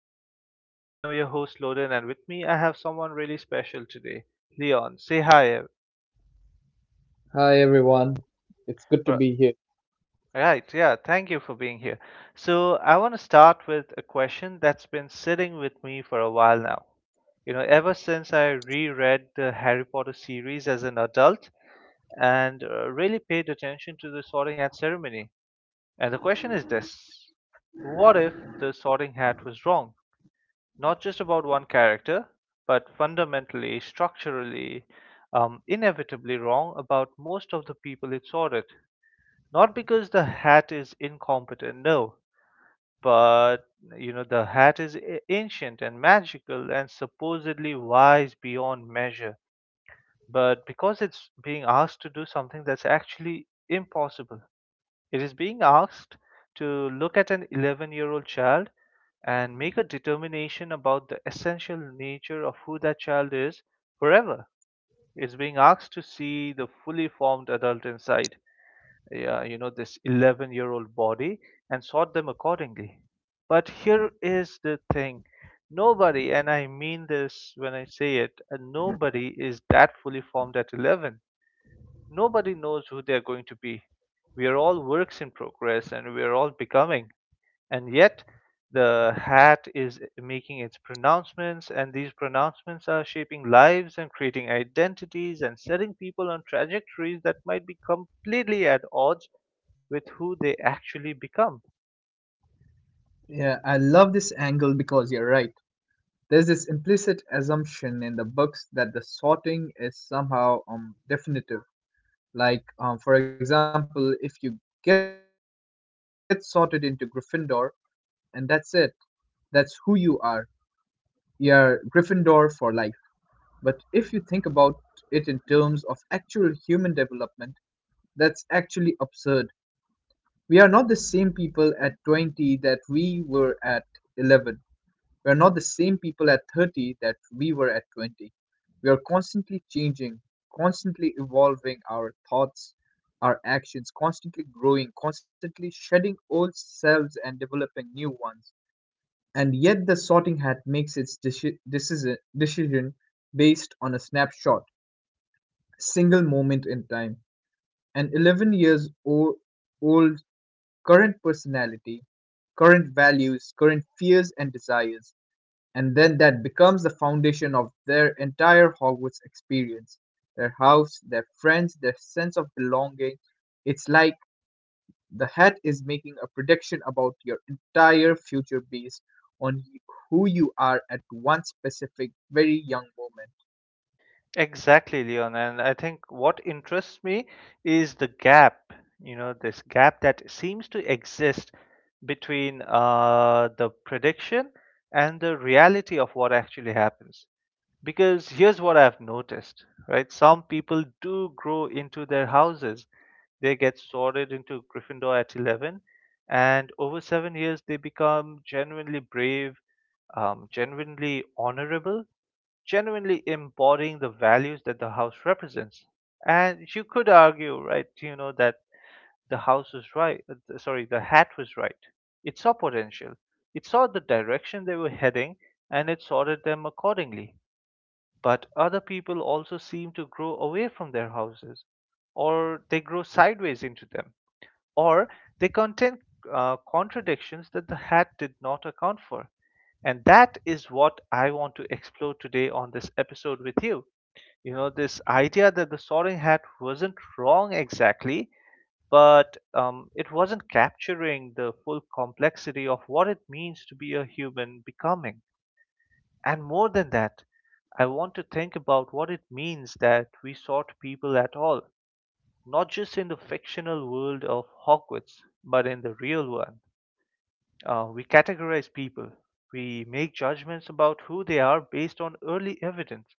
today. I am your host, Loden, and with me, I have someone really special today, Leon. Say hi. Hi everyone, it's r- good to be here. Right, yeah, thank you for being here. So, I want to start with a question that's been sitting with me for a while now. You know, ever since I reread the Harry Potter series as an adult and really paid attention to the sorting hat ceremony. And the question is this: what if the sorting hat was wrong? Not just about one character, but fundamentally, structurally, inevitably wrong about most of the people it's ordered. Not because the hat is incompetent, no, but you know, the hat is ancient and magical and supposedly wise beyond measure, but because it's being asked to do something that's actually impossible. It is being asked to look at an 11-year-old child and make a determination about the essential nature of who that child is forever. It's being asked to see the fully formed adult inside, yeah, you know, this 11-year-old body and sort them accordingly. But here is the thing: nobody, and I mean this when I say it, nobody is that fully formed at 11. Nobody knows who they're going to be. We are all works in progress and we are all becoming, and yet the hat is making its pronouncements, and these pronouncements are shaping lives and creating identities and setting people on trajectories that might be completely at odds with who they actually become. Yeah, I love this angle because you're right. There's this implicit assumption in the books that the sorting is somehow definitive. For example, if you get sorted into Gryffindor and that's it, that's who you are. You're Gryffindor for life. But if you think about it in terms of actual human development, that's actually absurd. We are not the same people at 20 that we were at 11. We're not the same people at 30 that we were at 20. We are constantly changing, constantly evolving our thoughts, our actions, constantly growing, constantly shedding old selves and developing new ones. And yet, the sorting hat makes its decision based on a snapshot, single moment in time. An 11 years old, old current personality, current values, current fears and desires, and then that becomes the foundation of their entire Hogwarts experience. Their house, their friends, their sense of belonging. It's like the hat is making a prediction about your entire future based on who you are at one specific, very young moment. Exactly, Leon, and I think what interests me is the gap, you know, this gap that seems to exist between the prediction and the reality of what actually happens. Because here's what I've noticed, right? Some people do grow into their houses. They get sorted into Gryffindor at 11, and over 7 years, they become genuinely brave, genuinely honorable, genuinely embodying the values that the house represents. And you could argue, right, you know, that the house was right, sorry, the hat was right. It saw potential, it saw the direction they were heading, and it sorted them accordingly. But other people also seem to grow away from their houses, or they grow sideways into them, or they contain contradictions that the hat did not account for. And that is what I want to explore today on this episode with you. You know, this idea that the soaring hat wasn't wrong exactly, but it wasn't capturing the full complexity of what it means to be a human becoming. And more than that, I want to think about what it means that we sought people at all, not just in the fictional world of Hogwarts, but in the real one. We categorize people, we make judgments about who they are based on early evidence,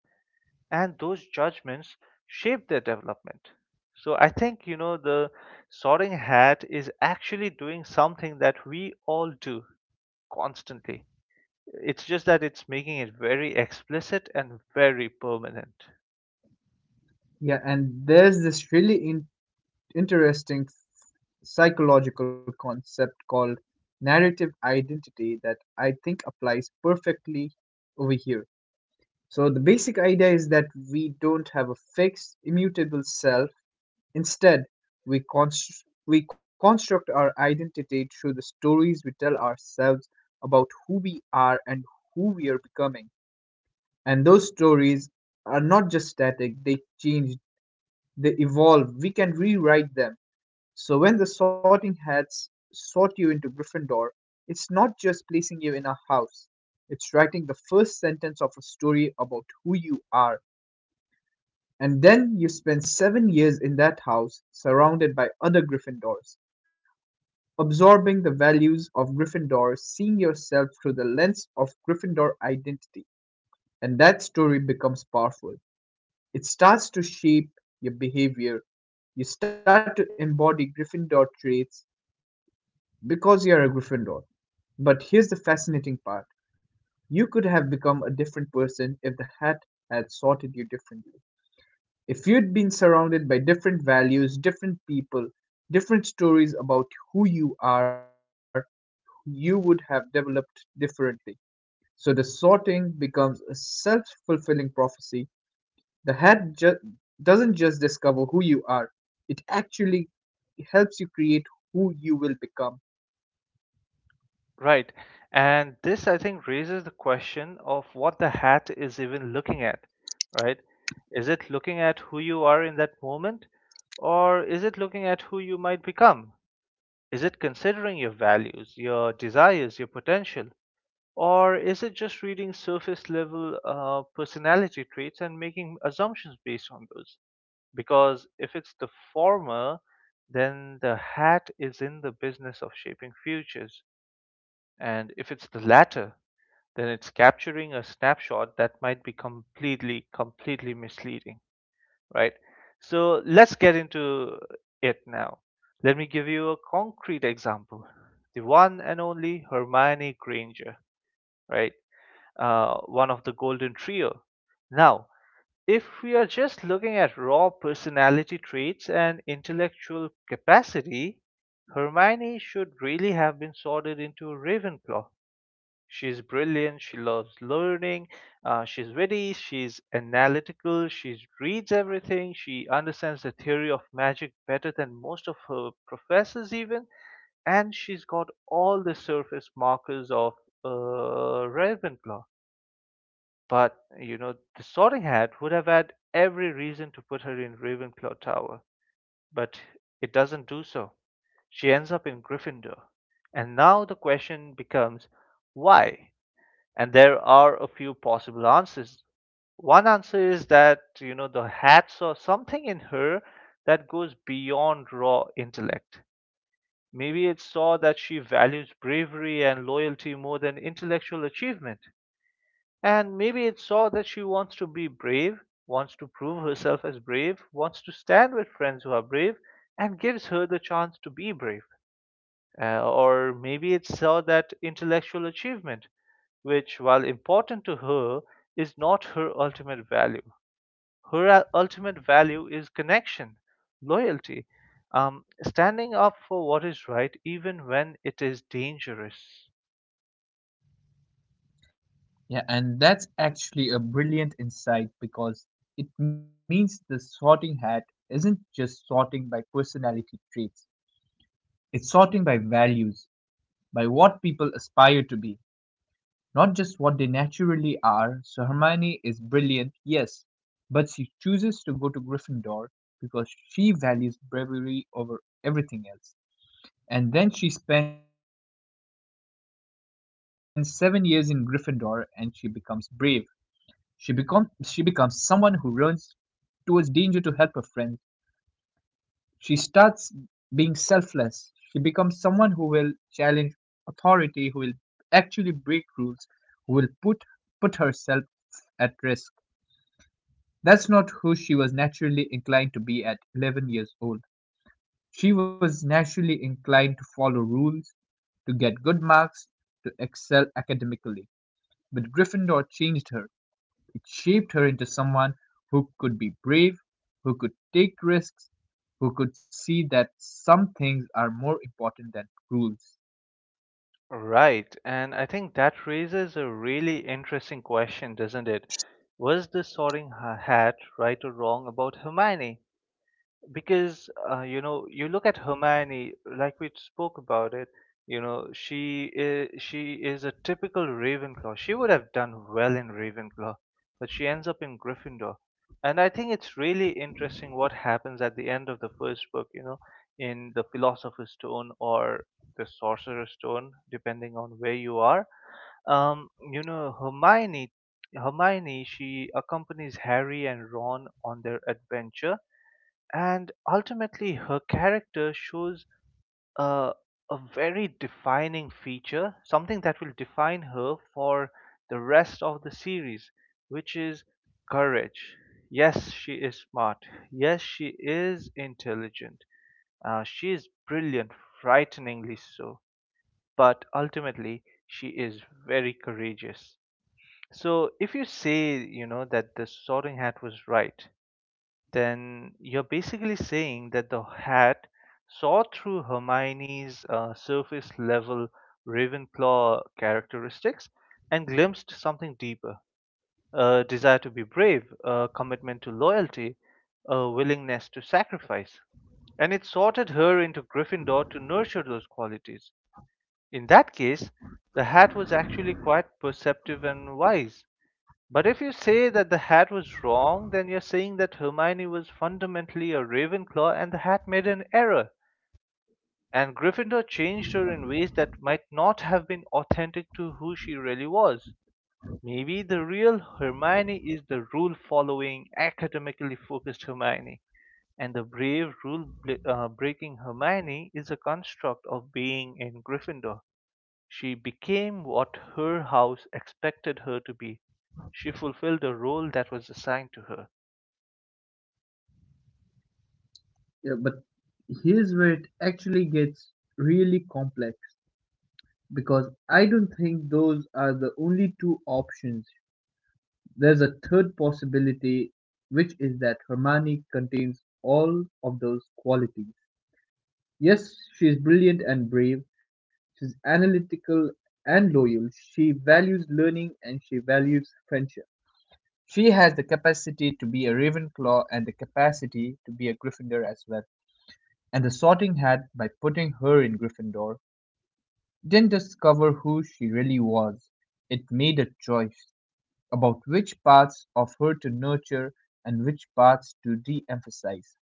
and those judgments shape their development. So I think, you know, the sorting hat is actually doing something that we all do constantly. It's just that it's making it very explicit and very permanent. Yeah, and there's this really interesting psychological concept called narrative identity that I think applies perfectly over here. So the basic idea is that we don't have a fixed, immutable self. Instead, we construct our identity through the stories we tell ourselves about who we are and who we are becoming. And those stories are not just static; they change, they evolve. We can rewrite them. So when the sorting hats sort you into Gryffindor, it's not just placing you in a house. It's writing the first sentence of a story about who you are. And then you spend 7 years in that house, surrounded by other Gryffindors, absorbing the values of Gryffindor, seeing yourself through the lens of Gryffindor identity. And that story becomes powerful. It starts to shape your behavior. You start to embody Gryffindor traits because you are a Gryffindor. But here's the fascinating part: you could have become a different person if the hat had sorted you differently. If you'd been surrounded by different values, different people, different stories about who you are, you would have developed differently. So the sorting becomes a self fulfilling prophecy. The hat doesn't just discover who you are, it actually helps you create who you will become. Right. And this, I think, raises the question of what the hat is even looking at, right? Is it looking at who you are in that moment, or is it looking at who you might become? Is it considering your values, your desires, your potential, or is it just reading surface level personality traits and making assumptions based on those? Because if it's the former, then the hat is in the business of shaping futures. And if it's the latter, then it's capturing a snapshot that might be completely, completely misleading, right? So let's get into it now. Let me give you a concrete example. The one and only Hermione Granger, right? One of the Golden Trio. Now, if we are just looking at raw personality traits and intellectual capacity, Hermione should really have been sorted into Ravenclaw. She's brilliant, she loves learning, she's witty, she's analytical, she reads everything, she understands the theory of magic better than most of her professors, even, and she's got all the surface markers of Ravenclaw. But, you know, the Sorting Hat would have had every reason to put her in Ravenclaw Tower, but it doesn't do so. She ends up in Gryffindor. And now the question becomes why? And there are a few possible answers. One answer is that, you know, the hat saw something in her that goes beyond raw intellect. Maybe it saw that she values bravery and loyalty more than intellectual achievement. And maybe it saw that she wants to be brave, wants to prove herself as brave, wants to stand with friends who are brave, and gives her the chance to be brave. Or maybe it saw that intellectual achievement, which, while important to her, is not her ultimate value. Her ultimate value is connection, loyalty, standing up for what is right even when it is dangerous. Yeah, and that's actually a brilliant insight because it means the sorting hat isn't just sorting by personality traits, it's sorting by values, by what people aspire to be, not just what they naturally are. So Hermione is brilliant, yes, but she chooses to go to Gryffindor because she values bravery over everything else. And then she spends 7 years in Gryffindor and she becomes brave. She becomes, someone who runs towards danger to help her friends. She starts being selfless, she becomes someone who will challenge authority, who will actually break rules, who will put herself at risk. That's not who she was naturally inclined to be at 11 years old. She was naturally inclined to follow rules, to get good marks, to excel academically. But Gryffindor changed her, shaped her into someone who could be brave, who could take risks, who could see that some things are more important than rules. Right, and I think that raises a really interesting question, doesn't it? Was the Hat right or wrong about Hermione? Because you know, you look at Hermione, like we spoke about it, you know, she is a typical Ravenclaw, she would have done well in Ravenclaw, but she ends up in Gryffindor. And I think it's really interesting what happens at the end of the first book, you know, in the Philosopher's Stone or the Sorcerer's Stone depending on where you are. You know, Hermione, she accompanies Harry and Ron on their adventure, and ultimately her character shows a, a very defining feature, something that will define her for the rest of the series, which is courage. Yes, she is smart, yes, she is intelligent, she is brilliant, frighteningly so, but ultimately she is very courageous. So if you say, you know, that the sorting hat was right, then you're basically saying that the hat saw through Hermione's surface level Ravenclaw characteristics and glimpsed something deeper: a desire to be brave, a commitment to loyalty, a willingness to sacrifice. And it sorted her into Gryffindor to nurture those qualities. In that case, the hat was actually quite perceptive and wise. But if you say that the hat was wrong, then you're saying that Hermione was fundamentally a Ravenclaw and the hat made an error, and Gryffindor changed her in ways that might not have been authentic to who she really was. Maybe the real Hermione is the rule following, academically focused Hermione, and the brave, rule breaking Hermione is a construct of being in Gryffindor. She became what her house expected her to be. She fulfilled the role that was assigned to her. Yeah, but here's where it actually gets really complex because I don't think those are the only two options. There's a third possibility, which is that Hermione contains all of those qualities. Yes, she is brilliant and brave. She's analytical and loyal. She values learning and she values friendship. She has the capacity to be a Ravenclaw and the capacity to be a Gryffindor as well. And the sorting hat, by putting her in Gryffindor, didn't just cover who she really was. It made a choice about which parts of her to nurture and which parts to de emphasize.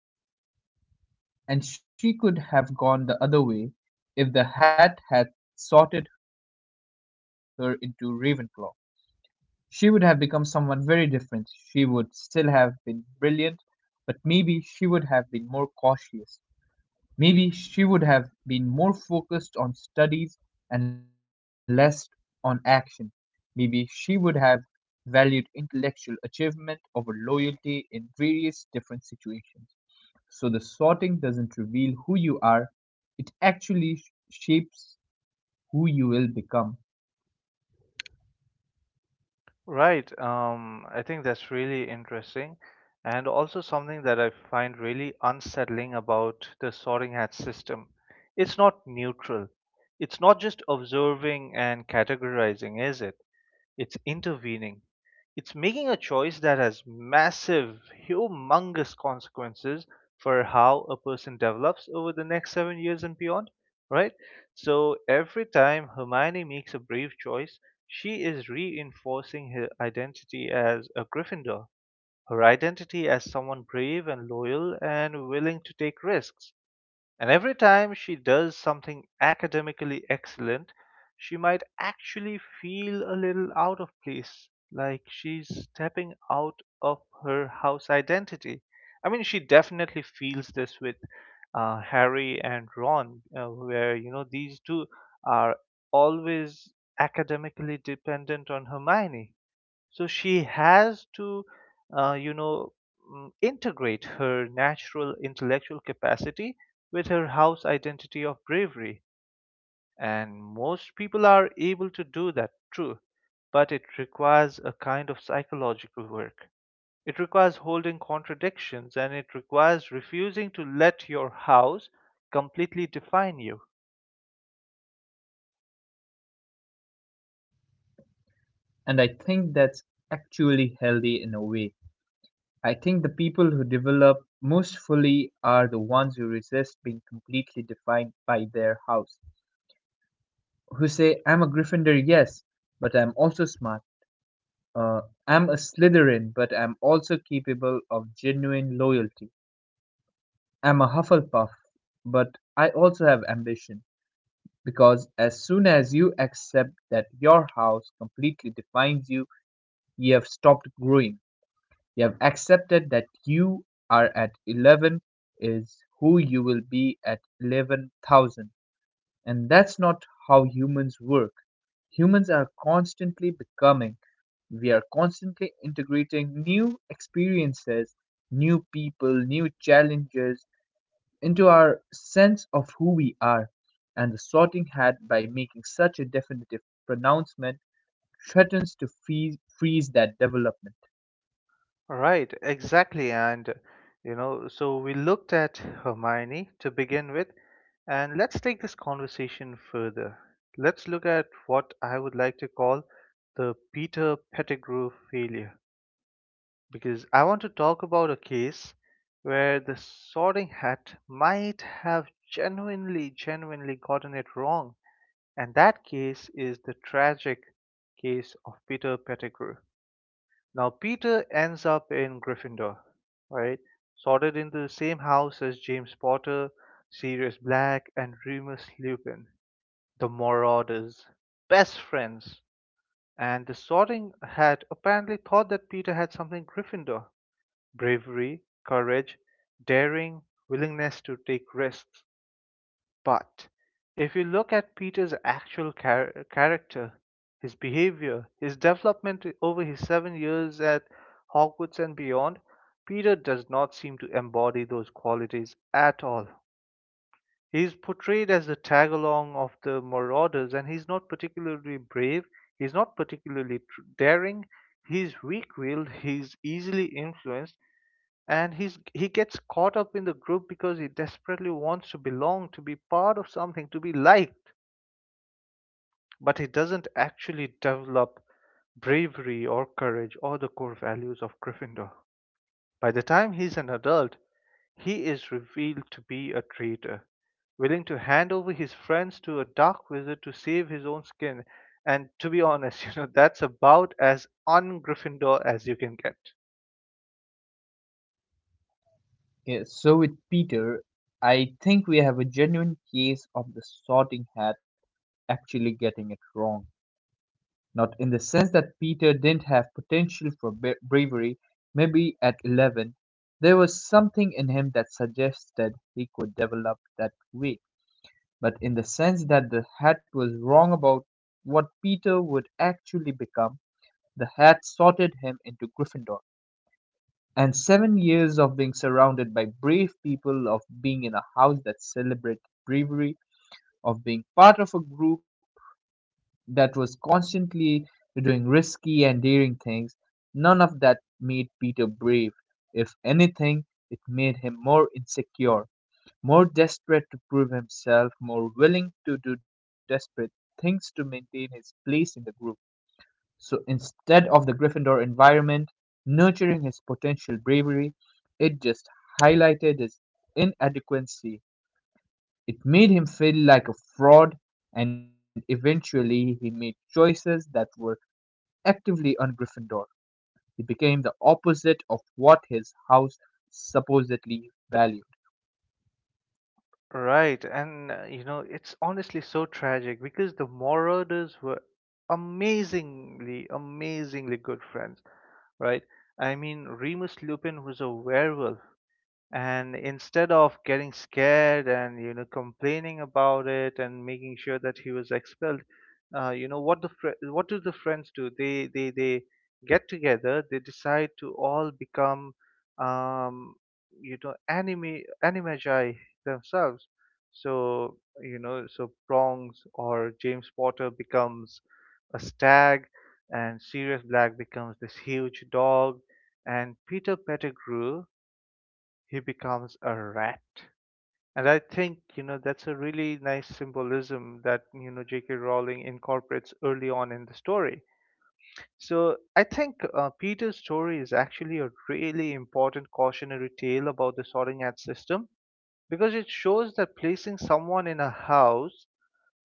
And she could have gone the other way. If the hat had sorted her into Ravenclaw, she would have become someone very different. She would still have been brilliant, but maybe she would have been more cautious. Maybe she would have been more focused on studies and less on action. Maybe she would have valued intellectual achievement over loyalty in various different situations. So the sorting doesn't reveal who you are, it actually shapes who you will become. Right. I think that's really interesting. And also something that I find really unsettling about the sorting hat system. It's not neutral. It's not just observing and categorizing, is it? It's intervening. It's making a choice that has massive, humongous consequences for how a person develops over the next 7 years and beyond, right? So every time Hermione makes a brave choice, she is reinforcing her identity as a Gryffindor, her identity as someone brave and loyal and willing to take risks, and every time she does something academically excellent, she might actually feel a little out of place, like she's stepping out of her house identity. I mean, she definitely feels this with Harry and Ron, where, you know, these two are always academically dependent on Hermione, so she has to you know, integrate her natural intellectual capacity with her house identity of bravery. And most people are able to do that, true, but it requires a kind of psychological work. It requires holding contradictions and it requires refusing to let your house completely define you. And I think that's actually healthy in a way. I think the people who develop most fully are the ones who resist being completely defined by their house, who say, I'm a Gryffindor, yes, but I'm also smart. I'm a Slytherin, but I'm also capable of genuine loyalty. I'm a Hufflepuff, but I also have ambition. Because as soon as you accept that your house completely defines you, you have stopped growing. You have accepted that you are at 11 is who you will be at 11,000. And that's not how humans work. Humans are constantly becoming. We are constantly integrating new experiences, new people, new challenges, into our sense of who we are, and the sorting hat, by making such a definitive pronouncement, threatens to freeze that development. Right, exactly. And, you know, so we looked at Hermione to begin with, and let's take this conversation further. Let's look at what I would like to call the Peter Pettigrew failure, because I want to talk about a case where the sorting hat might have genuinely, genuinely gotten it wrong. And that case is the tragic case of Peter Pettigrew. Now Peter ends up in Gryffindor, right? Sorted into the same house as James Potter, Sirius Black, and Remus Lupin, the Marauders, best friends. And the Sorting Hat apparently thought that Peter had something Gryffindor: bravery, courage, daring, willingness to take risks. But if you look at Peter's actual character, his behavior, his development over his 7 years at Hogwarts and beyond, Peter does not seem to embody those qualities at all. He is portrayed as the tag along of the marauders, and he's not particularly brave, he's not particularly daring, he's weak willed, he's easily influenced, and he gets caught up in the group because he desperately wants to belong, to be part of something, to be liked, but he doesn't actually develop bravery or courage or the core values of gryffindor. By the time he's an adult, he is revealed to be a traitor, willing to hand over his friends to a dark wizard to save his own skin. And to be honest that's about as un-gryffindor as you can get. Yeah, so with Peter, I think we have a genuine case of the sorting hat actually getting it wrong. Not in the sense that Peter didn't have potential for bravery, maybe at 11, there was something in him that suggested he could develop that way, but in the sense that the hat was wrong about what Peter would actually become. The hat sorted him into Gryffindor. And 7 years of being surrounded by brave people, of being in a house that celebrated bravery, of being part of a group that was constantly doing risky and daring things, none of that made Peter brave. If anything, it made him more insecure, more desperate to prove himself, more willing to do desperate things to maintain his place in the group. So instead of the Gryffindor environment nurturing his potential bravery, it just highlighted his inadequacy. It made him feel like a fraud, and eventually he made choices that were actively un Gryffindor. He became the opposite of what his house supposedly valued. Right, and you know, it's honestly so tragic because the Marauders were amazingly, amazingly good friends, right? I mean, Remus Lupin was a werewolf, and instead of getting scared and complaining about it and making sure that he was expelled, you know, what do the friends do? They get together, they decide to all become um anime animagi themselves. So you know, so prongs or james potter becomes a stag, and sirius black becomes this huge dog, and peter pettigrew, he becomes a rat. And I think, you know, that's a really nice symbolism that, you know, J.K. Rowling incorporates early on in the story. So I think Peter's story is actually a really important cautionary tale about the sorting hat system, because it shows that placing someone in a house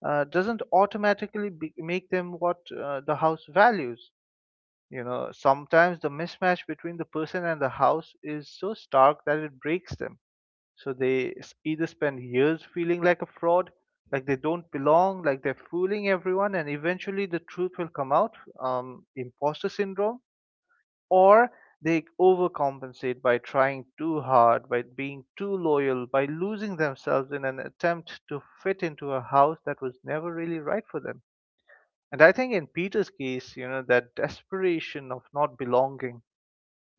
doesn't make them what the house values. You know, sometimes the mismatch between the person and the house is so stark that it breaks them. So they either spend years feeling like a fraud, like they don't belong, like they're fooling everyone, and eventually the truth will come out, imposter syndrome, or they overcompensate by trying too hard, by being too loyal, by losing themselves in an attempt to fit into a house that was never really right for them. And I think in Peter's case, you know, that desperation of not belonging,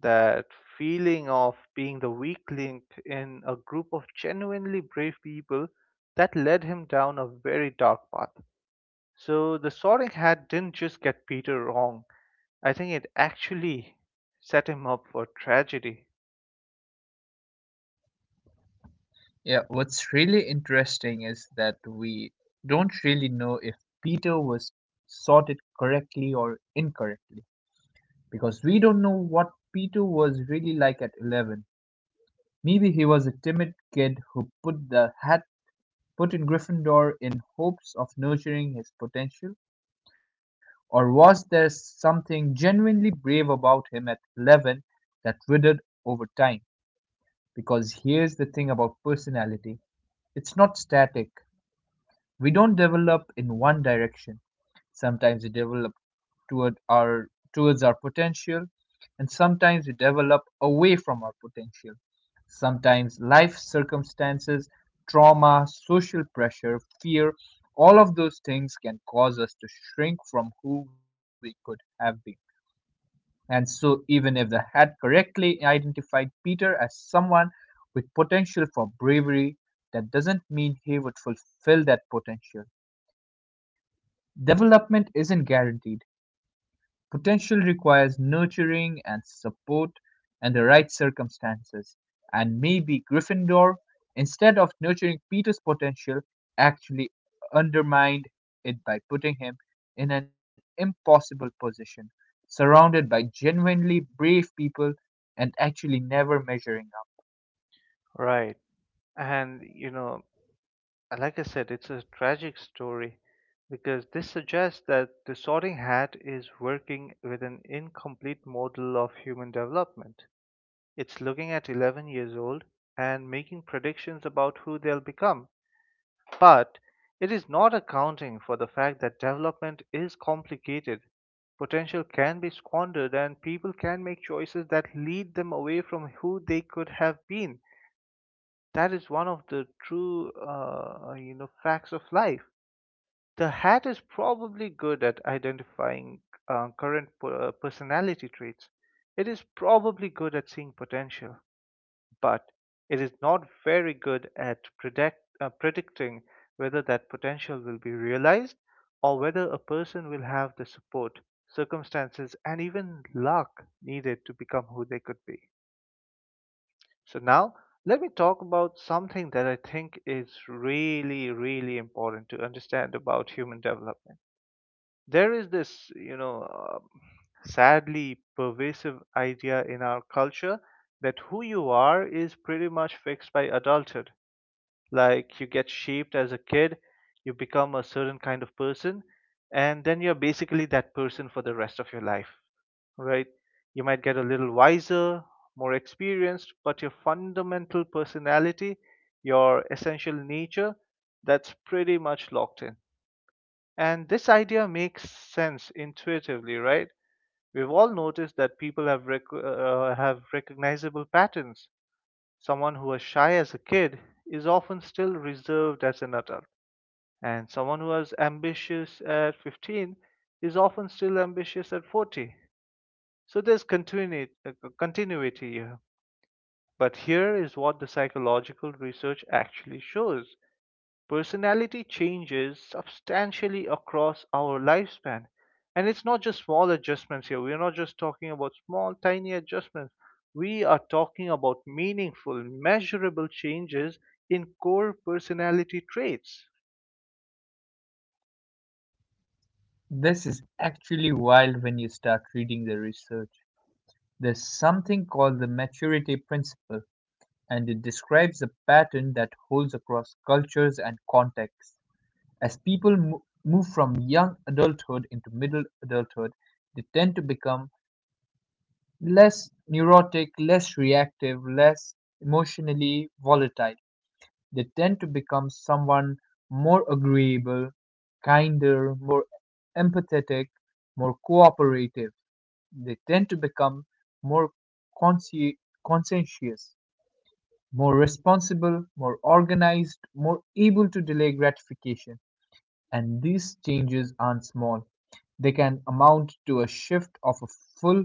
that feeling of being the weak link in a group of genuinely brave people, that led him down a very dark path. So the Sorting Hat didn't just get Peter wrong. I think it actually set him up for tragedy. Yeah, what's really interesting is that we don't really know if Peter was sorted correctly or incorrectly because we don't know what Peter was really like at 11. Maybe he was a timid kid who put the hat put in Gryffindor in hopes of nurturing his potential, or was there something genuinely brave about him at 11 that withered over time? Because here's the thing about personality, it's not static. We don't develop in one direction. Sometimes we develop toward our towards our potential and sometimes we develop away from our potential. Sometimes life circumstances, trauma, social pressure, fear, all of those things can cause us to shrink from who we could have been. And so, even if the had correctly identified Peter as someone with potential for bravery, that doesn't mean he would fulfill that potential. Development isn't guaranteed; potential requires nurturing and support and the right circumstances, and maybe Gryffindor, instead of nurturing Peter's potential, actually undermined it by putting him in an impossible position, surrounded by genuinely brave people and actually never measuring up. Right. And, you know, like I said, it's a tragic story because this suggests that the Sorting Hat is working with an incomplete model of human development. It's looking at 11 years old and making predictions about who they'll become. But it is not accounting for the fact that development is complicated. Potential can be squandered, and people can make choices that lead them away from who they could have been. That is one of the true, you know, facts of life. The hat is probably good at identifying current personality traits. It is probably good at seeing potential, but it is not very good at predicting whether that potential will be realized, or whether a person will have the support, circumstances, and even luck needed to become who they could be. So, now let me talk about something that I think is really, really important to understand about human development. There is this, you know, sadly pervasive idea in our culture that who you are is pretty much fixed by adulthood. Like you get shaped as a kid, you become a certain kind of person, and then you're basically that person for the rest of your life, right? You might get a little wiser, more experienced, but your fundamental personality, your essential nature, that's pretty much locked in. And this idea makes sense intuitively, right? We've all noticed that people have have recognizable patterns. Someone who was shy as a kid is often still reserved as an adult, and someone who was ambitious at 15 is often still ambitious at 40. So there's continuity, continuity here. But here is what the psychological research actually shows. Personality changes substantially across our lifespan. And it's not just small adjustments here. We're not just talking about small, tiny adjustments. We are talking about meaningful, measurable changes in core personality traits. This is actually wild when you start reading the research. There's something called the maturity principle, and it describes a pattern that holds across cultures and contexts. As people move from young adulthood into middle adulthood, they tend to become less neurotic, less reactive, less emotionally volatile. They tend to become someone more agreeable, kinder, more empathetic, more cooperative. They tend to become more consci- conscientious, more responsible, more organized, more able to delay gratification. And these changes aren't small, they can amount to a shift of a full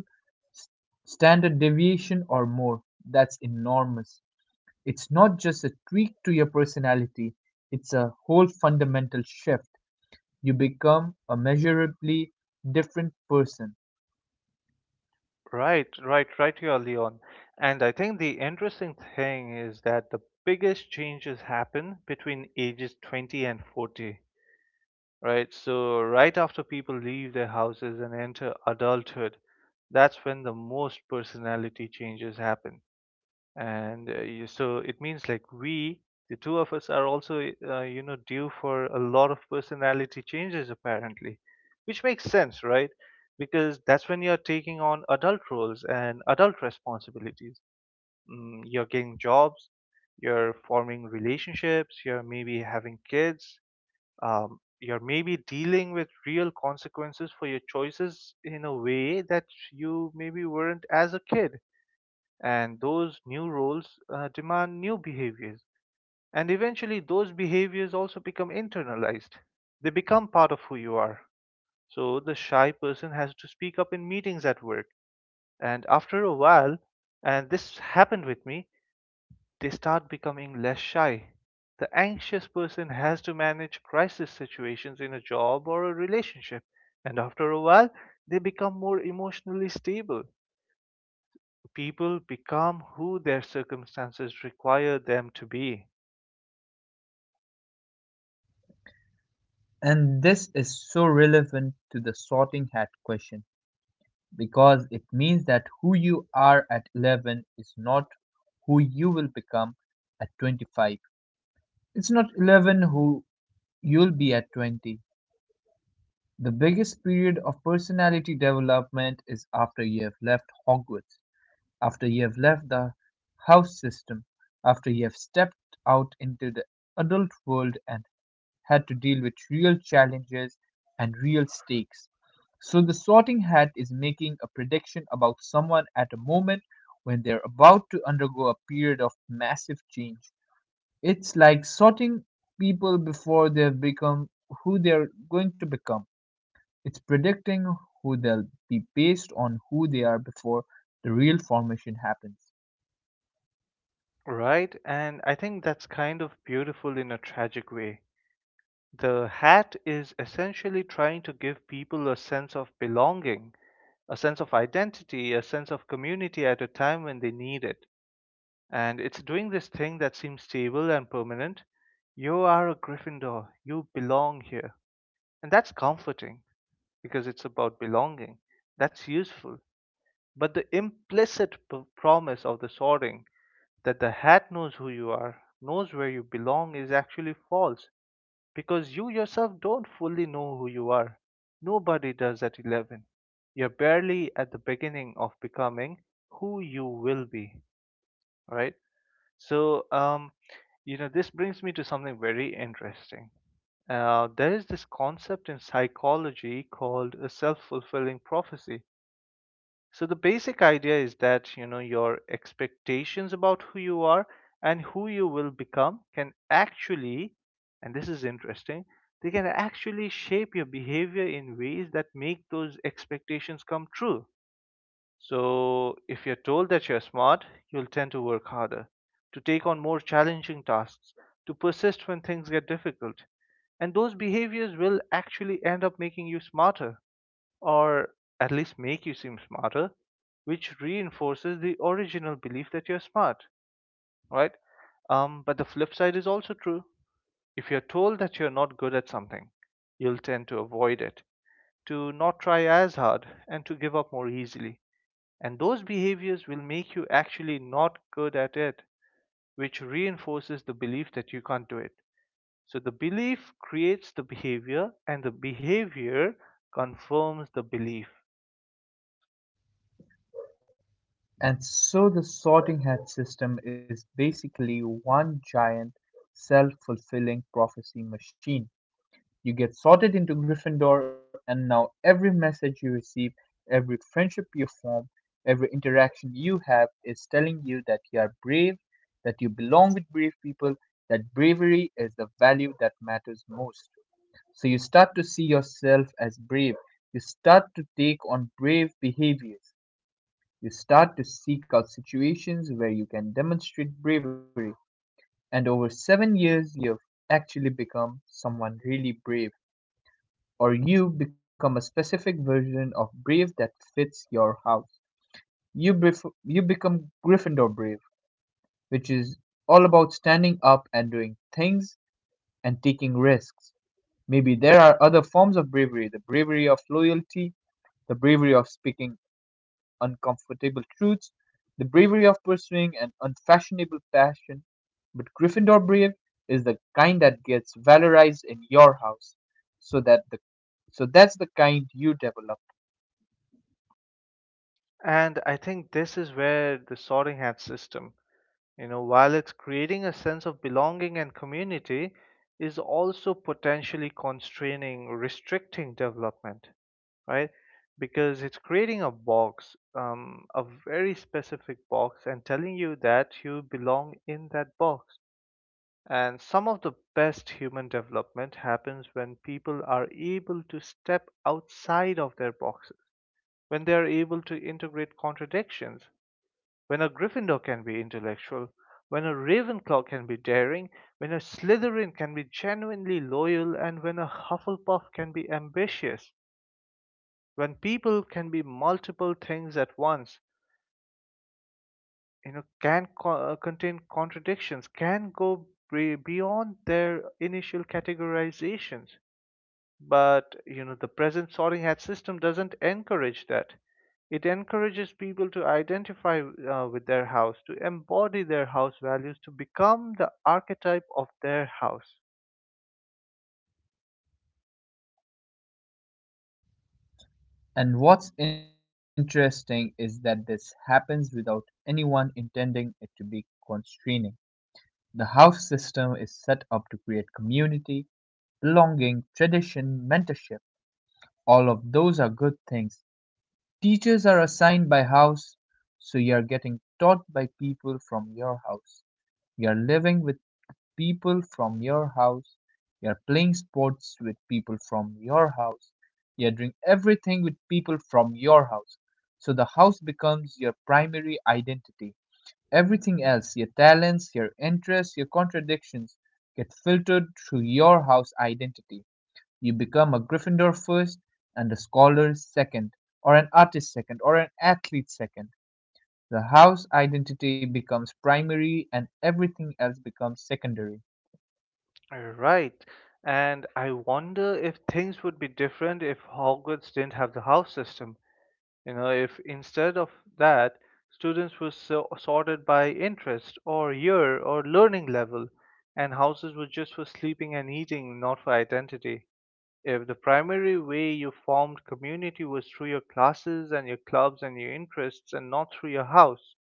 s- standard deviation or more. That's enormous. It's not just a tweak to your personality, it's a whole fundamental shift. You become a measurably different person. Right, right, right, here, Leon. And I think the interesting thing is that the biggest changes happen between ages 20 and 40. Right? So, right after people leave their houses and enter adulthood, that's when the most personality changes happen. And so it means like we, the two of us, are also, you know, due for a lot of personality changes apparently, which makes sense, right? Because that's when you're taking on adult roles and adult responsibilities. Mm, you're getting jobs, you're forming relationships, you're maybe having kids, you're maybe dealing with real consequences for your choices in a way that you maybe weren't as a kid. And those new roles demand new behaviors. And eventually, those behaviors also become internalized, they become part of who you are. So, the shy person has to speak up in meetings at work. And after a while, and this happened with me, they start becoming less shy. The anxious person has to manage crisis situations in a job or a relationship, and after a while, they become more emotionally stable. People become who their circumstances require them to be, And this is so relevant to the sorting hat question because it means that who you are at 11 is not who you will become at 25. It's not 11 who you'll be at 20. The biggest period of personality development is after you have left Hogwarts, after you have left the house system, after you have stepped out into the adult world and had to deal with real challenges and real stakes. So the sorting hat is making a prediction about someone at a moment when they're about to undergo a period of massive change. It's like sorting people before they've become who they're going to become. It's predicting who they'll be based on who they are before the real formation happens. right? And I think that's kind of beautiful in a tragic way. The hat is essentially trying to give people a sense of belonging, a sense of identity, a sense of community at a time when they need it. And it's doing this thing that seems stable and permanent. You are a Gryffindor. You belong here. And that's comforting because it's about belonging. That's useful. But the implicit promise of the sorting, that the hat knows who you are, knows where you belong, is actually false because you yourself don't fully know who you are. Nobody does at 11. You're barely at the beginning of becoming who you will be, right? So, you know, this brings me to something very interesting. There is this concept in psychology called a self fulfilling prophecy. So, the basic idea is that, you know, your expectations about who you are and who you will become can actually, and this is interesting, they can actually shape your behavior in ways that make those expectations come true. So, if you're told that you're smart, you'll tend to work harder, to take on more challenging tasks, to persist when things get difficult. And those behaviors will actually end up making you smarter, or at least make you seem smarter, which reinforces the original belief that you're smart, right? But the flip side is also true. If you're told that you're not good at something, you'll tend to avoid it, to not try as hard, and to give up more easily. And those behaviors will make you actually not good at it, which reinforces the belief that you can't do it. So the belief creates the behavior, and the behavior confirms the belief. And so the sorting hat system is basically one giant self-fulfilling prophecy machine. You get sorted into Gryffindor and now every message you receive, every friendship you form, every interaction you have is telling you that you are brave, that you belong with brave people, that bravery is the value that matters most. So you start to see yourself as brave. You start to take on brave behaviors. You start to seek out situations where you can demonstrate bravery, and over 7 years, you've actually become someone really brave, or you become a specific version of brave that fits your house. You, you become Gryffindor brave, which is all about standing up and doing things and taking risks. Maybe there are other forms of bravery: the bravery of loyalty, the bravery of speaking uncomfortable truths, the bravery of pursuing an unfashionable passion. But Gryffindor brave is the kind that gets valorized in your house, so that the so that's the kind you develop. And I think this is where the sorting hat system, you know, while it's creating a sense of belonging and community, is also potentially constraining, restricting development, right? Because it's creating a box, a very specific box, and telling you that you belong in that box. And some of the best human development happens when people are able to step outside of their boxes, when they are able to integrate contradictions, when a Gryffindor can be intellectual, when a Ravenclaw can be daring, when a Slytherin can be genuinely loyal, and when a Hufflepuff can be ambitious, when people can be multiple things at once, you know, can contain contradictions, can go beyond their initial categorizations. But you know, the present sorting hat system doesn't encourage that. It encourages people to identify with their house, to embody their house values, to become the archetype of their house. And what's interesting is that this happens without anyone intending it to be constraining. The house system is set up to create community, belonging, tradition, mentorship. All of those are good things. Teachers are assigned by house, so you're getting taught by people from your house. You're living with people from your house. You're playing sports with people from your house. You're doing everything with people from your house. So the house becomes your primary identity. Everything else, your talents, your interests, your contradictions, get filtered through your house identity. You become a Gryffindor first, and a scholar second, or an artist second, or an athlete second. The house identity becomes primary and everything else becomes secondary. Right. And I wonder if things would be different if Hogwarts didn't have the house system. You know, if instead of that, students were sorted by interest or year or learning level, and houses were just for sleeping and eating, not for identity. If the primary way you formed community was through your classes and your clubs and your interests and not through your house,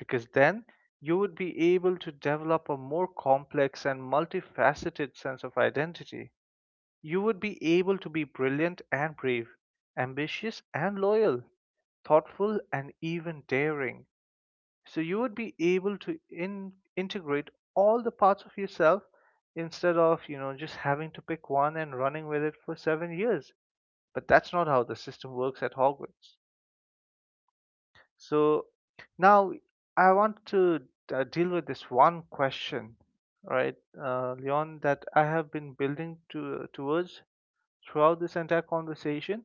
because then you would be able to develop a more complex and multifaceted sense of identity. You would be able to be brilliant and brave, ambitious and loyal, thoughtful and even daring. So you would be able to integrate all the parts of yourself instead of, you know, just having to pick one and running with it for 7 years, but that's not how the system works at Hogwarts. So now I want to deal with this one question, right, Leon, that I have been building to towards throughout this entire conversation.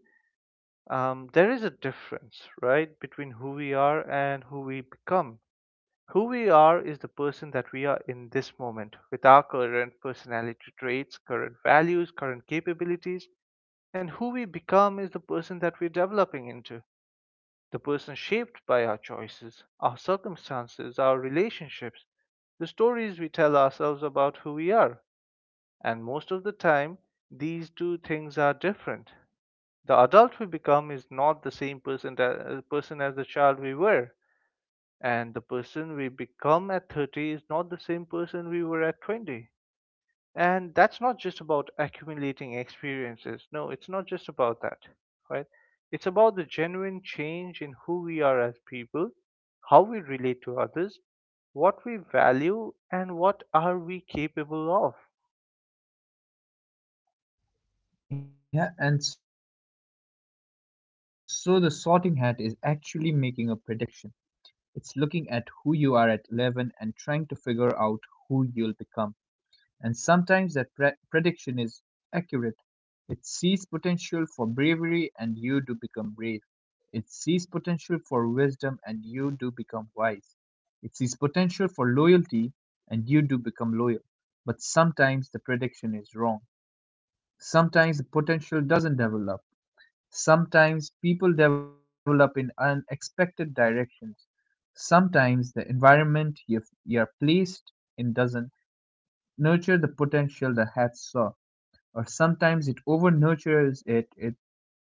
There is a difference, right, between who we are and who we become. Who we are is the person that we are in this moment with our current personality traits, current values, current capabilities, and who we become is the person that we're developing into. The person shaped by our choices, our circumstances, our relationships, the stories we tell ourselves about who we are. And most of the time, these two things are different. The adult we become is not the same person as the child we were. And the person we become at 30 is not the same person we were at 20. And that's not just about accumulating experiences. No, it's not just about that, right? It's about the genuine change in who we are as people, how we relate to others, what we value, and what are we capable of. Yeah, and so the sorting hat is actually making a prediction. It's looking at who you are at 11 and trying to figure out who you'll become. And sometimes that prediction is accurate. It sees potential for bravery and you do become brave. It sees potential for wisdom and you do become wise. It sees potential for loyalty and you do become loyal. But sometimes the prediction is wrong. Sometimes the potential doesn't develop. Sometimes people develop in unexpected directions. Sometimes the environment you are placed in doesn't nurture the potential the hat saw, or sometimes it over nurtures it, it,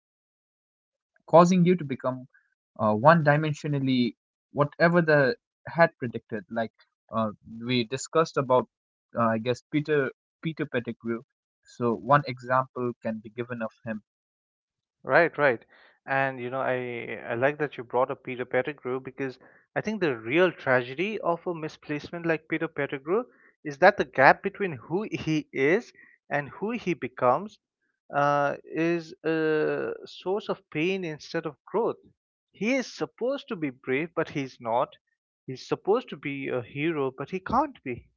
causing you to become one dimensionally whatever the hat predicted. Like, uh, we discussed about, I guess Peter Pettigrew. So one example can be given of him. Right, right. And you know, I like that you brought up Peter Pettigrew because I think the real tragedy of a misplacement like Peter Pettigrew is that the gap between who he is and who he becomes is a source of pain instead of growth. He is supposed to be brave, but he's not. He's supposed to be a hero, but he can't be.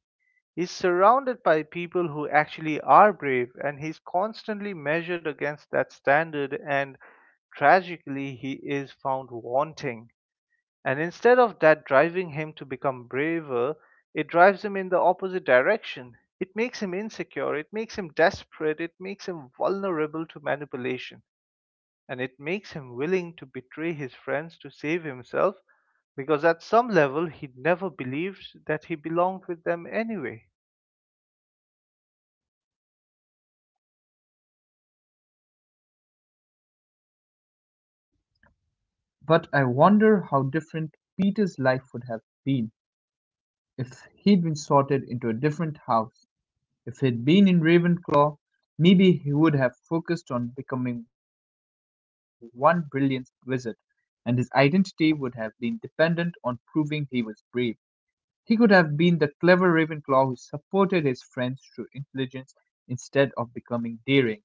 He's surrounded by people who actually are brave, and he's constantly measured against that standard, and tragically, he is found wanting. And instead of that driving him to become braver, it drives him in the opposite direction. It makes him insecure, it makes him desperate, it makes him vulnerable to manipulation, and it makes him willing to betray his friends to save himself because at some level he never believed that he belonged with them anyway. But I wonder how different Peter's life would have been if he'd been sorted into a different house. If he'd been in Ravenclaw, maybe he would have focused on becoming one brilliant wizard, and his identity would have been dependent on proving he was brave. He could have been the clever Ravenclaw who supported his friends through intelligence instead of becoming daring.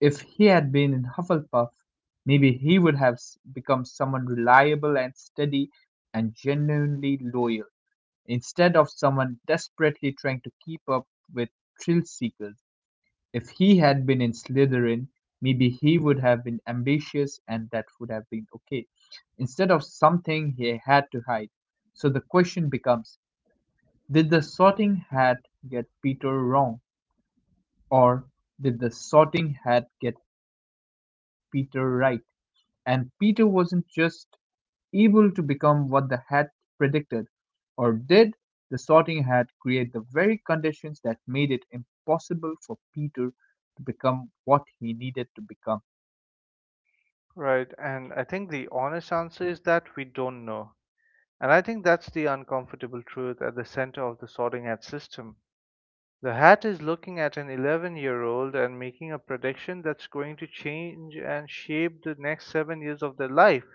If he had been in Hufflepuff, maybe he would have become someone reliable and steady and genuinely loyal, instead of someone desperately trying to keep up with thrill seekers. If he had been in Slytherin, maybe he would have been ambitious and that would have been okay, instead of something he had to hide. So the question becomes, did the sorting hat get Peter wrong, or did the sorting hat get Peter right? And Peter wasn't just able to become what the Hat predicted, or did the Sorting Hat create the very conditions that made it impossible for Peter to become what he needed Right. to And become? I think the honest answer is that we don't know. And I think that's the uncomfortable truth at the center of the sorting hat system. The hat is looking at an 11-year-old and making a prediction that's going to change and shape the next 7 years of their life.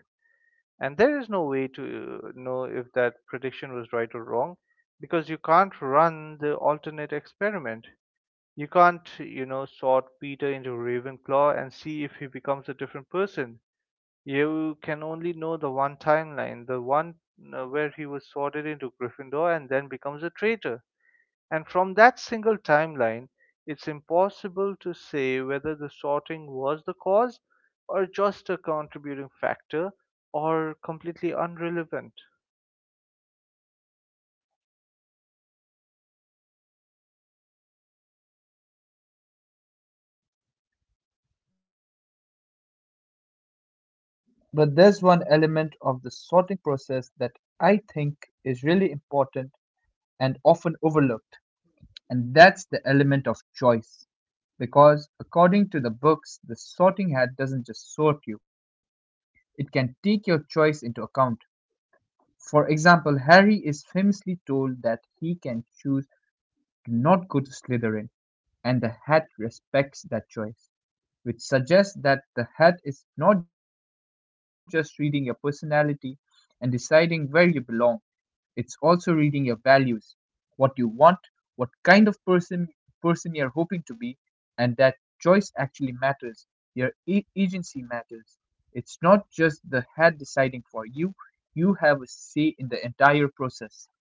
And there is no way to know if that prediction was right or wrong because you can't run the alternate experiment. You can't, you know, sort Peter into Ravenclaw and see if he becomes a different person. You can only know the one timeline, the one where he was sorted into Gryffindor and then becomes a traitor. And from that single timeline, it's impossible to say whether the sorting was the cause or just a contributing factor or completely irrelevant. But there's one element of the sorting process that I think is really important and often overlooked, and that's the element of choice. Because according to the books, the sorting hat doesn't just sort you, it can take your choice into account. For example, Harry is famously told that he can choose to not go to Slytherin, and the hat respects that choice, which suggests that the hat is not just reading your personality and deciding where you belong, it's also reading your values, what you want, what kind of person you're hoping to be, and that choice actually matters. Your agency matters. It's not just the head deciding for you. You have a say in the entire process.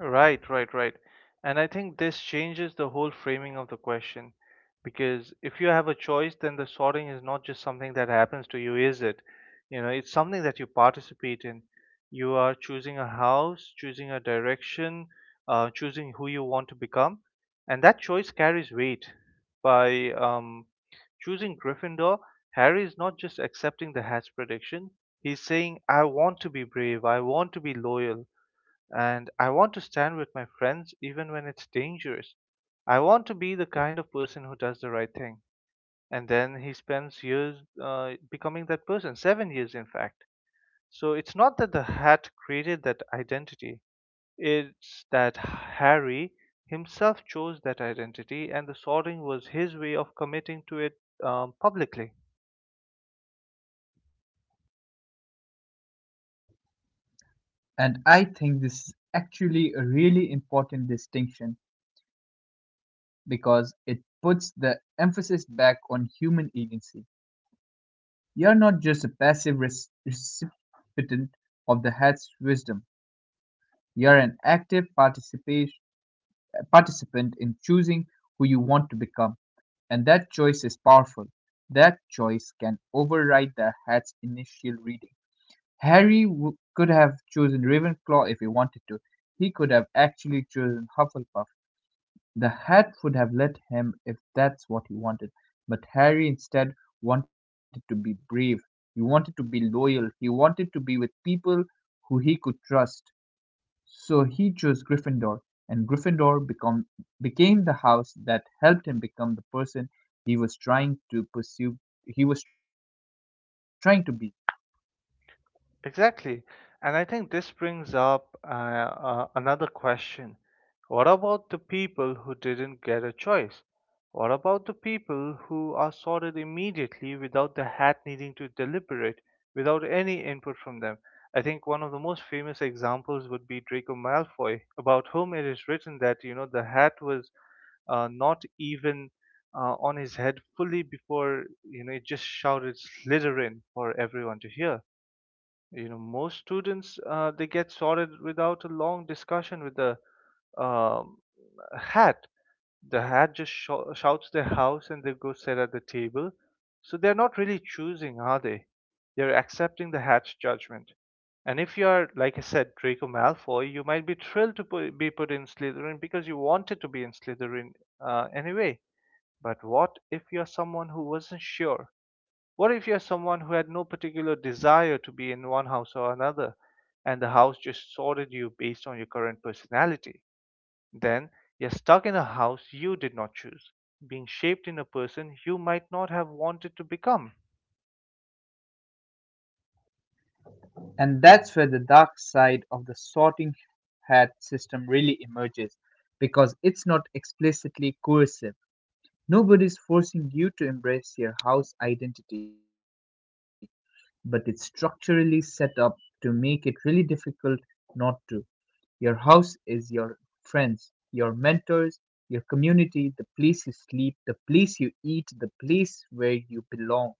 Right, right, right. And I think this changes the whole framing of the question because if you have a choice, then the sorting is not just something that happens to you, is it? You know, it's something that you participate in. You are choosing a house, choosing a direction, choosing who you want to become, and that choice carries weight. By choosing Gryffindor, Harry is not just accepting the hat's prediction. He's saying, I want to be brave, I want to be loyal, and I want to stand with my friends even when it's dangerous. I want to be the kind of person who does the right thing. And then he spends years becoming that person, 7 years in fact. So it's not that the hat created that identity, it's that Harry himself chose that identity, and the sorting was his way of committing to it publicly. And I think this is actually a really important distinction because it puts the emphasis back on human agency. You're not just a passive recipient of the head's wisdom. You're an active participant in choosing who you want to become, and that choice is powerful. That choice can override the hat's initial reading. Harry could have chosen Ravenclaw if he wanted to. He could have actually chosen Hufflepuff. The hat would have let him if that's what he wanted. But Harry instead wanted to be brave. He wanted to be loyal. He wanted to be with people who he could trust. So he chose Gryffindor, and became the house that helped him become the person he was trying to pursue he was trying to be. Exactly. And I think this brings up another question. What about the people who didn't get a choice? What about the people who are sorted immediately without the hat needing to deliberate, without any input from them? I think one of the most famous examples would be Draco Malfoy, about whom it is written that, you know, the hat was not even on his head fully before, you know, it just shouted Slytherin for everyone to hear. You know, most students they get sorted without a long discussion with the um, hat. The hat just shouts their house and they go sit at the table. So they're not really choosing, are they? They're accepting the hat's judgment. And if you are, like I said, Draco Malfoy, you might be thrilled to be put in Slytherin because you wanted to be in Slytherin anyway. But what if you're someone who wasn't sure? What if you're someone who had no particular desire to be in one house or another, and the house just sorted you based on your current personality? Then you're stuck in a house you did not choose, being shaped in a person you might not have wanted to become. And that's where the dark side of the sorting hat system really emerges because it's not explicitly coercive. Nobody's forcing you to embrace your house identity, but it's structurally set up to make it really difficult not to. Your house is your friends, your mentors, your community, the place you sleep, the place you eat, the place where you belong.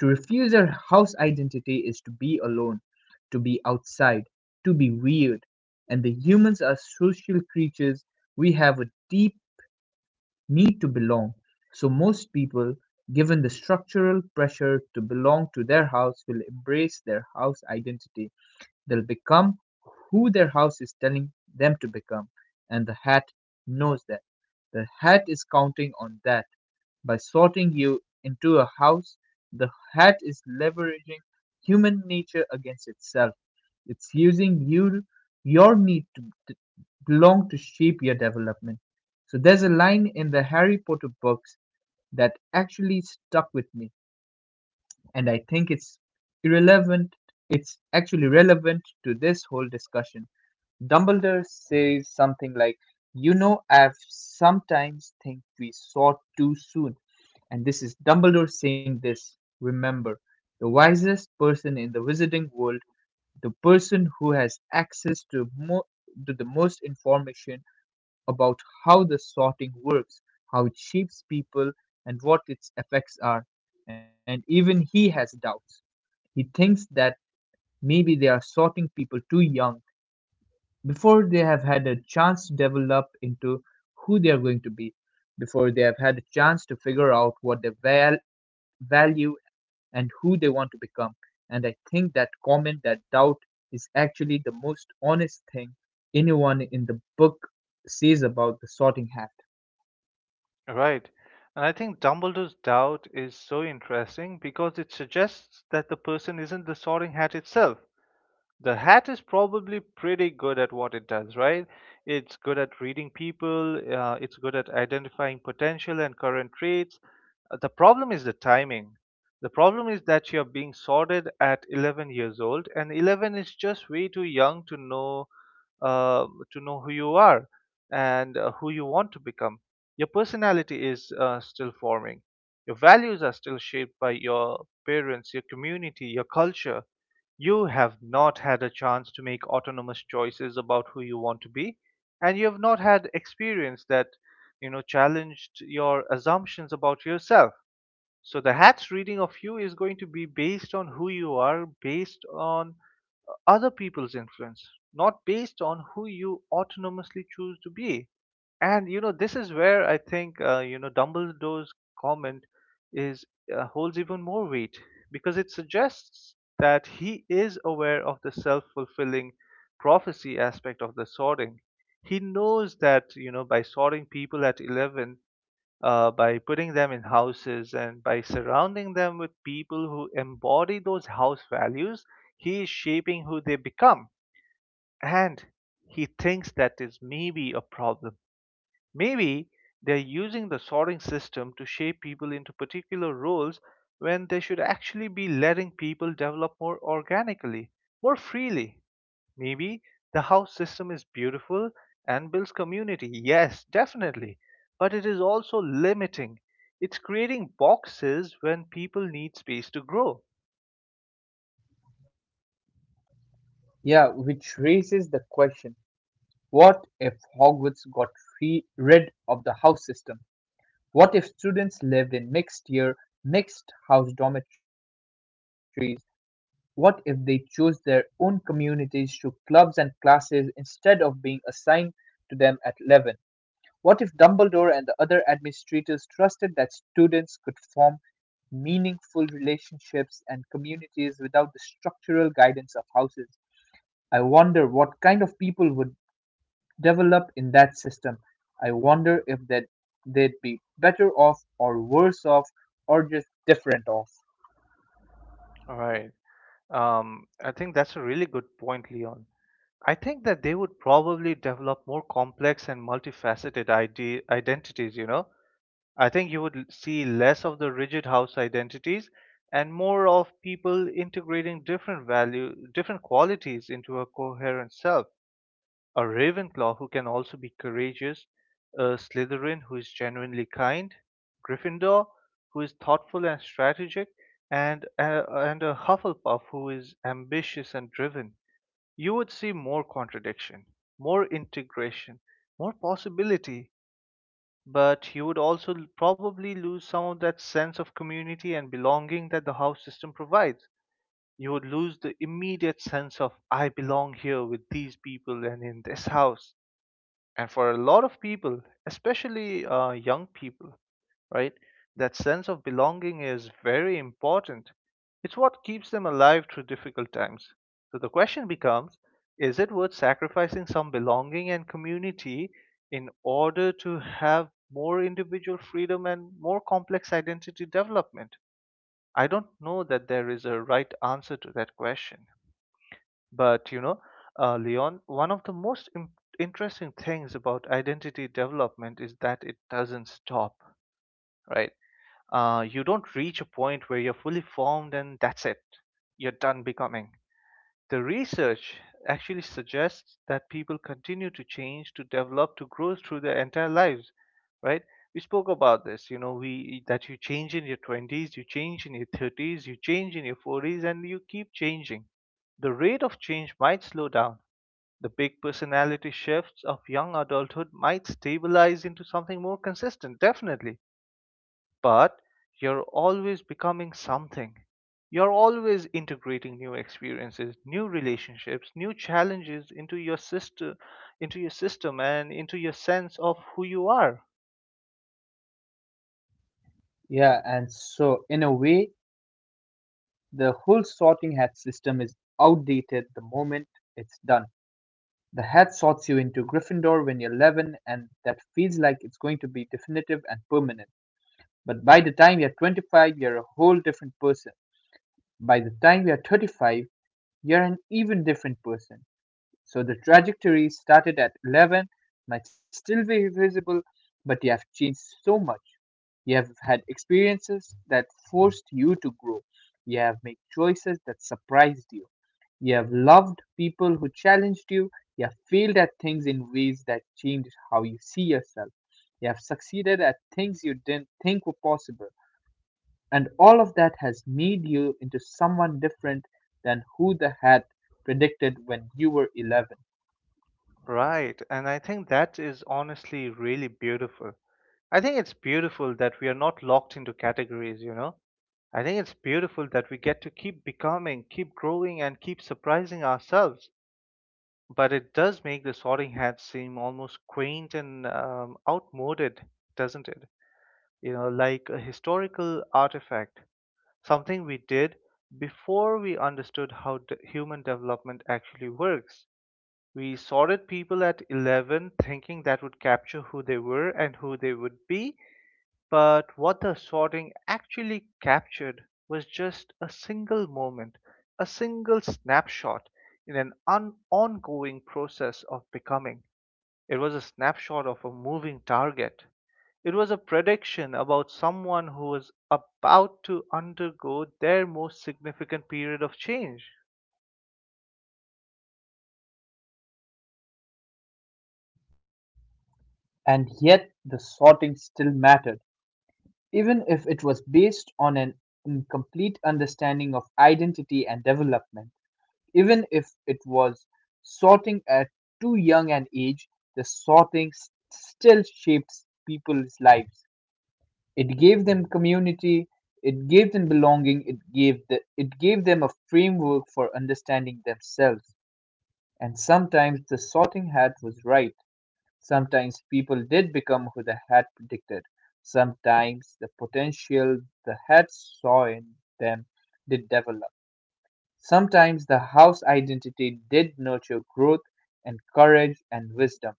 To refuse your house identity is to be alone, to be outside, to be weird. And the humans are social creatures. We have a deep need to belong. So, most people, given the structural pressure to belong to their house, will embrace their house identity. They'll become who their house is telling them to become, and the hat knows that. The hat is counting on that. By sorting you into a house, the hat is leveraging human nature against itself. It's using you, your need to belong, to shape your development. So there's a line in the Harry Potter books that actually stuck with me and I think it's irrelevant. It's actually relevant to this whole discussion. Dumbledore says something like, "You know, I've sometimes think we saw too soon." And this is Dumbledore saying this. Remember, the wisest person in the wizarding world, the person who has access to, to the most information about how the sorting works, how it shapes people, and what its effects are. And even he has doubts. He thinks that maybe they are sorting people too young, before they have had a chance to develop into who they are going to be, before they have had a chance to figure out what they value and who they want to become. And I think that comment, that doubt, is actually the most honest thing anyone in the book says about the sorting hat. Right. And I think Dumbledore's doubt is so interesting because it suggests that the person isn't the sorting hat itself. The hat is probably pretty good at what it does, right? It's good at reading people, it's good at identifying potential and current traits. The problem is the timing. The problem is that you're being sorted at 11 years old, and 11 is just way too young uh, to know who you are and who you want to become. Your personality is still forming. Your values are still shaped by your parents, your community, your culture. You have not had a chance to make autonomous choices about who you want to be, and you have not had experience that, you know, challenged your assumptions about yourself. So the hat's reading of you is going to be based on who you are, based on other people's influence, not based on who you autonomously choose to be. And you know, this is where I think you know Dumbledore's comment is holds even more weight because it suggests that he is aware of the self-fulfilling prophecy aspect of the sorting. He knows that you know by sorting people at 11, by putting them in houses and by surrounding them with people who embody those house values, he is shaping who they become, and he thinks that is maybe a problem. Maybe they're using the sorting system to shape people into particular roles when they should actually be letting people develop more organically, more freely. Maybe the house system is beautiful and builds community. Yes, definitely. But it is also limiting. It's creating boxes when people need space to grow. Yeah, which raises the question, what if Hogwarts got rid of the house system? What if students lived in mixed-year, mixed-house dormitories? What if they chose their own communities through clubs and classes instead of being assigned to them at 11? What if Dumbledore and the other administrators trusted that students could form meaningful relationships and communities without the structural guidance of houses? I wonder what kind of people would developed in that system. I wonder if that they'd be better off or worse off or just different off. All right. I think that's a really good point, Leon. I think that they would probably develop more complex and multifaceted identities, you know. I think you would see less of the rigid house identities and more of people integrating different value, different qualities into a coherent self. A Ravenclaw who can also be courageous, a Slytherin who is genuinely kind, Gryffindor who is thoughtful and strategic, and a Hufflepuff who is ambitious and driven. You would see more contradiction, more integration, more possibility, but you would also probably lose some of that sense of community and belonging that the house system provides. You would lose the immediate sense of, I belong here with these people and in this house, and for a lot of people, especially young people, right, that sense of belonging is very important. It's what keeps them alive through difficult times. So the question becomes, is it worth sacrificing some belonging and community in order to have more individual freedom and more complex identity development? I don't know that there is a right answer to that question. But you know, Leon, one of the most interesting things about identity development is that it doesn't stop, right? You don't reach a point where you're fully formed and that's it. You're done becoming. The research actually suggests that people continue to change, to develop, to grow through their entire lives, right? We spoke about this, you know, we that you change in your 20s, you change in your 30s, you change in your 40s, and you keep changing. The rate of change might slow down. The big personality shifts of young adulthood might stabilize into something more consistent, definitely, but you're always becoming something. You're always integrating new experiences, new relationships, new challenges into your system and into your sense of who you are. Yeah, and so in a way, the whole sorting hat system is outdated the moment it's done. The hat sorts you into Gryffindor when you're 11, and that feels like it's going to be definitive and permanent. But by the time you're 25, you're a whole different person. By the time you're 35, you're an even different person. So the trajectory started at 11 might still be visible, but you have changed so much. You have had experiences that forced you to grow. You have made choices that surprised you. You have loved people who challenged you. You have failed at things in ways that changed how you see yourself. You have succeeded at things you didn't think were possible. And all of that has made you into someone different than who the hat predicted when you were 11. Right. And I think that is honestly really beautiful. I think it's beautiful that we are not locked into categories, you know. I think it's beautiful that we get to keep becoming, keep growing, and keep surprising ourselves. But it does make the sorting hat seem almost quaint and outmoded, doesn't it? You know, like a historical artifact, something we did before we understood how human development actually works. We sorted people at 11 thinking that would capture who they were and who they would be, but what the sorting actually captured was just a single moment, a single snapshot in an ongoing process of becoming. It was a snapshot of a moving target. It was a prediction about someone who was about to undergo their most significant period of change. And yet the sorting still mattered, even if it was based on an incomplete understanding of identity and development. Even if it was sorting at too young an age, the sorting still shapes people's lives. It gave them community, it gave them belonging, it gave them a framework for understanding themselves. And sometimes the sorting hat was right. Sometimes people did become who the had predicted. Sometimes the potential the Hat saw in them did develop. Sometimes the house identity did nurture growth and courage and wisdom.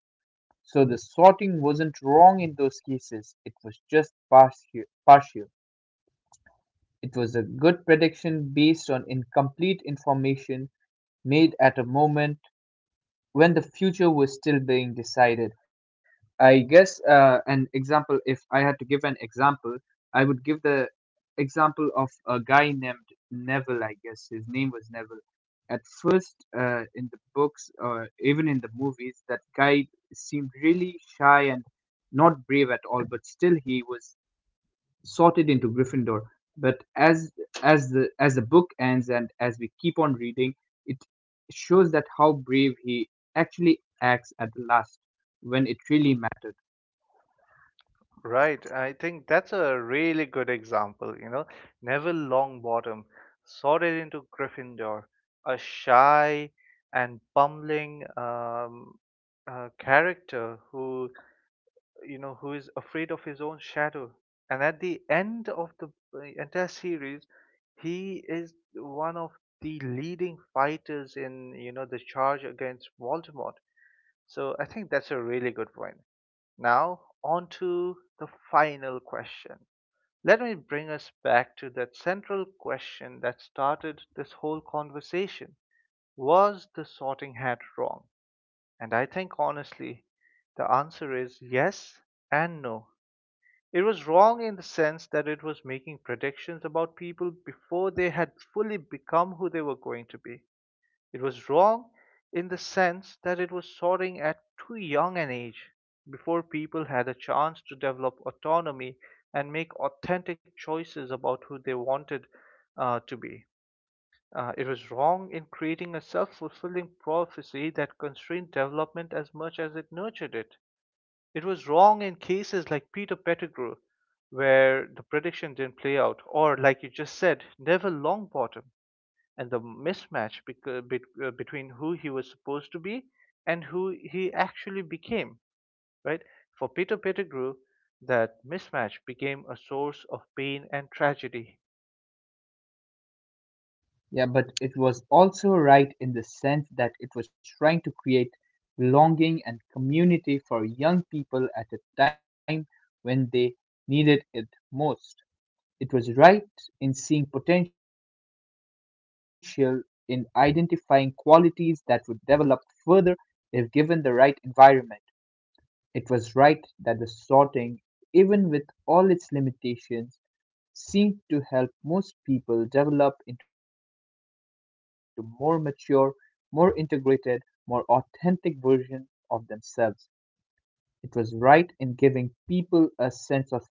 So the sorting wasn't wrong in those cases, it was just partial. It was a good prediction based on incomplete information made at a moment when the future was still being decided. I guess, an example, if I had to give an example, I would give the example of a guy named Neville, I guess. His name was Neville. At first, in the books or even in the movies, that guy seemed really shy and not brave at all, but still he was sorted into Gryffindor. But as the book ends and as we keep on reading, it shows that how brave he actually acts at the last when it really mattered. Right. I think that's a really good example. You know, Neville Longbottom sorted into Gryffindor, a shy and bumbling character who, you know, who is afraid of his own shadow. And at the end of the entire series, he is one of the leading fighters in, you know, the charge against Voldemort. So I think that's a really good point. Now, on to the final question. Let me bring us back to that central question that started this whole conversation. Was the sorting hat wrong? And I think honestly, the answer is yes and no. It was wrong in the sense that it was making predictions about people before they had fully become who they were going to be. It was wrong in the sense that it was soaring at too young an age, before people had a chance to develop autonomy and make authentic choices about who they wanted to be. It was wrong in creating a self fulfilling prophecy that constrained development as much as it nurtured it. It was wrong in cases like Peter Pettigrew, where the prediction didn't play out, or like you just said, Neville Longbottom, and the mismatch between who he was supposed to be and who he actually became, right? For Peter Pettigrew, that mismatch became a source of pain and tragedy, Yeah, but it was also right in the sense that it was trying to create belonging and community for young people at a time when they needed it most. It was right in seeing potential, in identifying qualities that would develop further if given the right environment. It was right that the sorting, even with all its limitations, seemed to help most people develop into more mature, more integrated, more authentic versions of themselves. It was right in giving people a sense of identity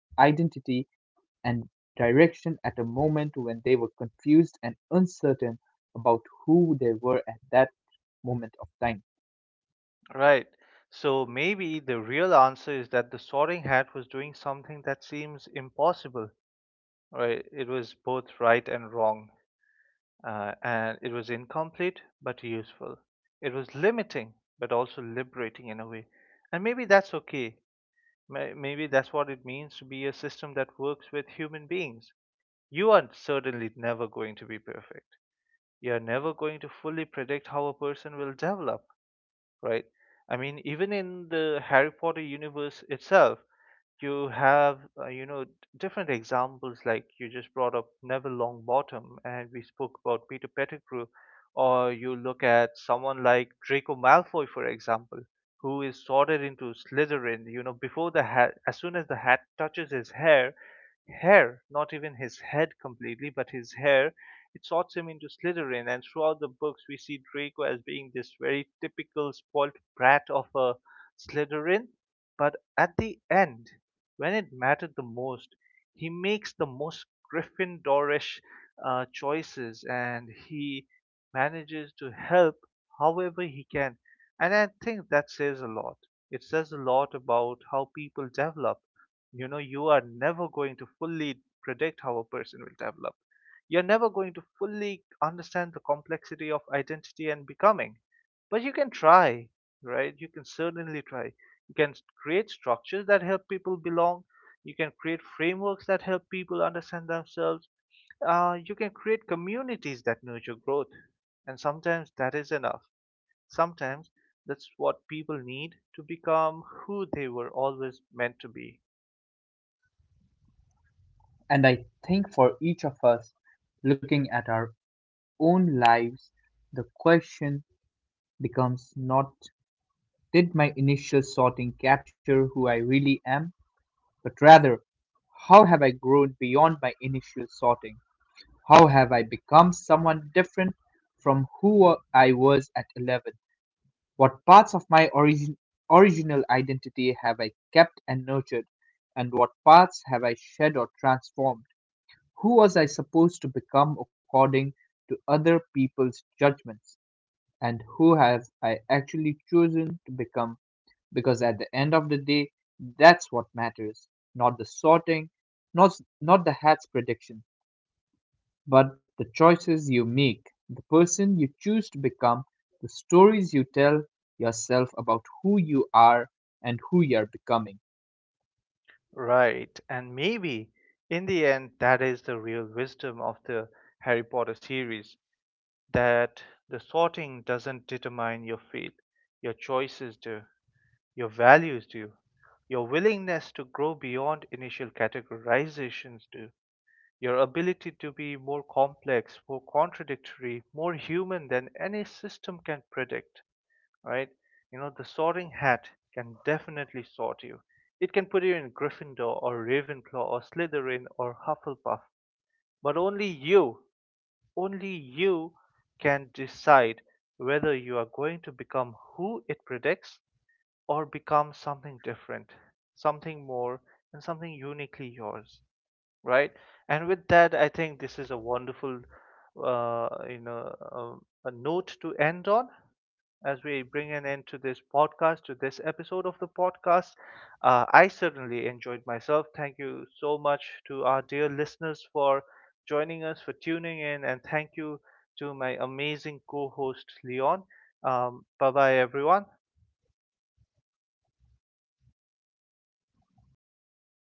and direction at a moment when they were confused and uncertain about who they were at that moment of time. right? So maybe the real answer is that the Sorting Hat was doing something that seems impossible, right? It was both right and wrong, and it was incomplete but useful. It was limiting but also liberating in a way. And maybe that's okay. Maybe that's what it means to be a system that works with human beings. You are certainly never going to be perfect. You're never going to fully predict how a person will develop, right? I mean, even in the Harry Potter universe itself, you have you know different examples like you just brought up Neville Longbottom, and we spoke about Peter Pettigrew, or you look at someone like Draco Malfoy, for example, who is sorted into Slytherin, you know, before the hat, as soon as the hat touches his hair, not even his head completely, but his hair, it sorts him into Slytherin. And throughout the books, we see Draco as being this very typical spoilt brat of a Slytherin. But at the end, when it mattered the most, he makes the most Gryffindorish choices, and he manages to help however he can. And I think that says a lot. It says a lot about how people develop. You know, you are never going to fully predict how a person will develop, you're never going to fully understand the complexity of identity and becoming, but you can try. Right, you can certainly try. You can create structures that help people belong, you can create frameworks that help people understand themselves, you can create communities that nurture growth, and sometimes that is enough. Sometimes that's what people need to become who they were always meant to be. And I think for each of us, looking at our own lives, the question becomes not, did my initial sorting capture who I really am, but rather, how have I grown beyond my initial sorting? How have I become someone different from who I was at 11? What parts of my original identity have I kept and nurtured, and what parts have I shed or transformed? Who was I supposed to become according to other people's judgments, and who have I actually chosen to become? Because at the end of the day, that's what matters, not the sorting, not, not the hat's prediction, but the choices you make, the person you choose to become, the stories you tell yourself about who you are and who you are becoming. Right, and maybe in the end, that is the real wisdom of the Harry Potter series: that the sorting doesn't determine your fate, your choices do, your values do, your willingness to grow beyond initial categorizations do, your ability to be more complex, more contradictory, more human than any system can predict, right? You know, the sorting hat can definitely sort you. It can put you in Gryffindor or Ravenclaw or Slytherin or Hufflepuff, but only you can decide whether you are going to become who it predicts or become something different, something more, and something uniquely yours, right? And with that, I think this is a wonderful, a note to end on as we bring an end to this podcast, to this episode of the podcast. I certainly enjoyed myself. Thank you so much to our dear listeners for joining us, for tuning in, and thank you to my amazing co host, Leon. Bye bye, everyone. Yeah, had a great time.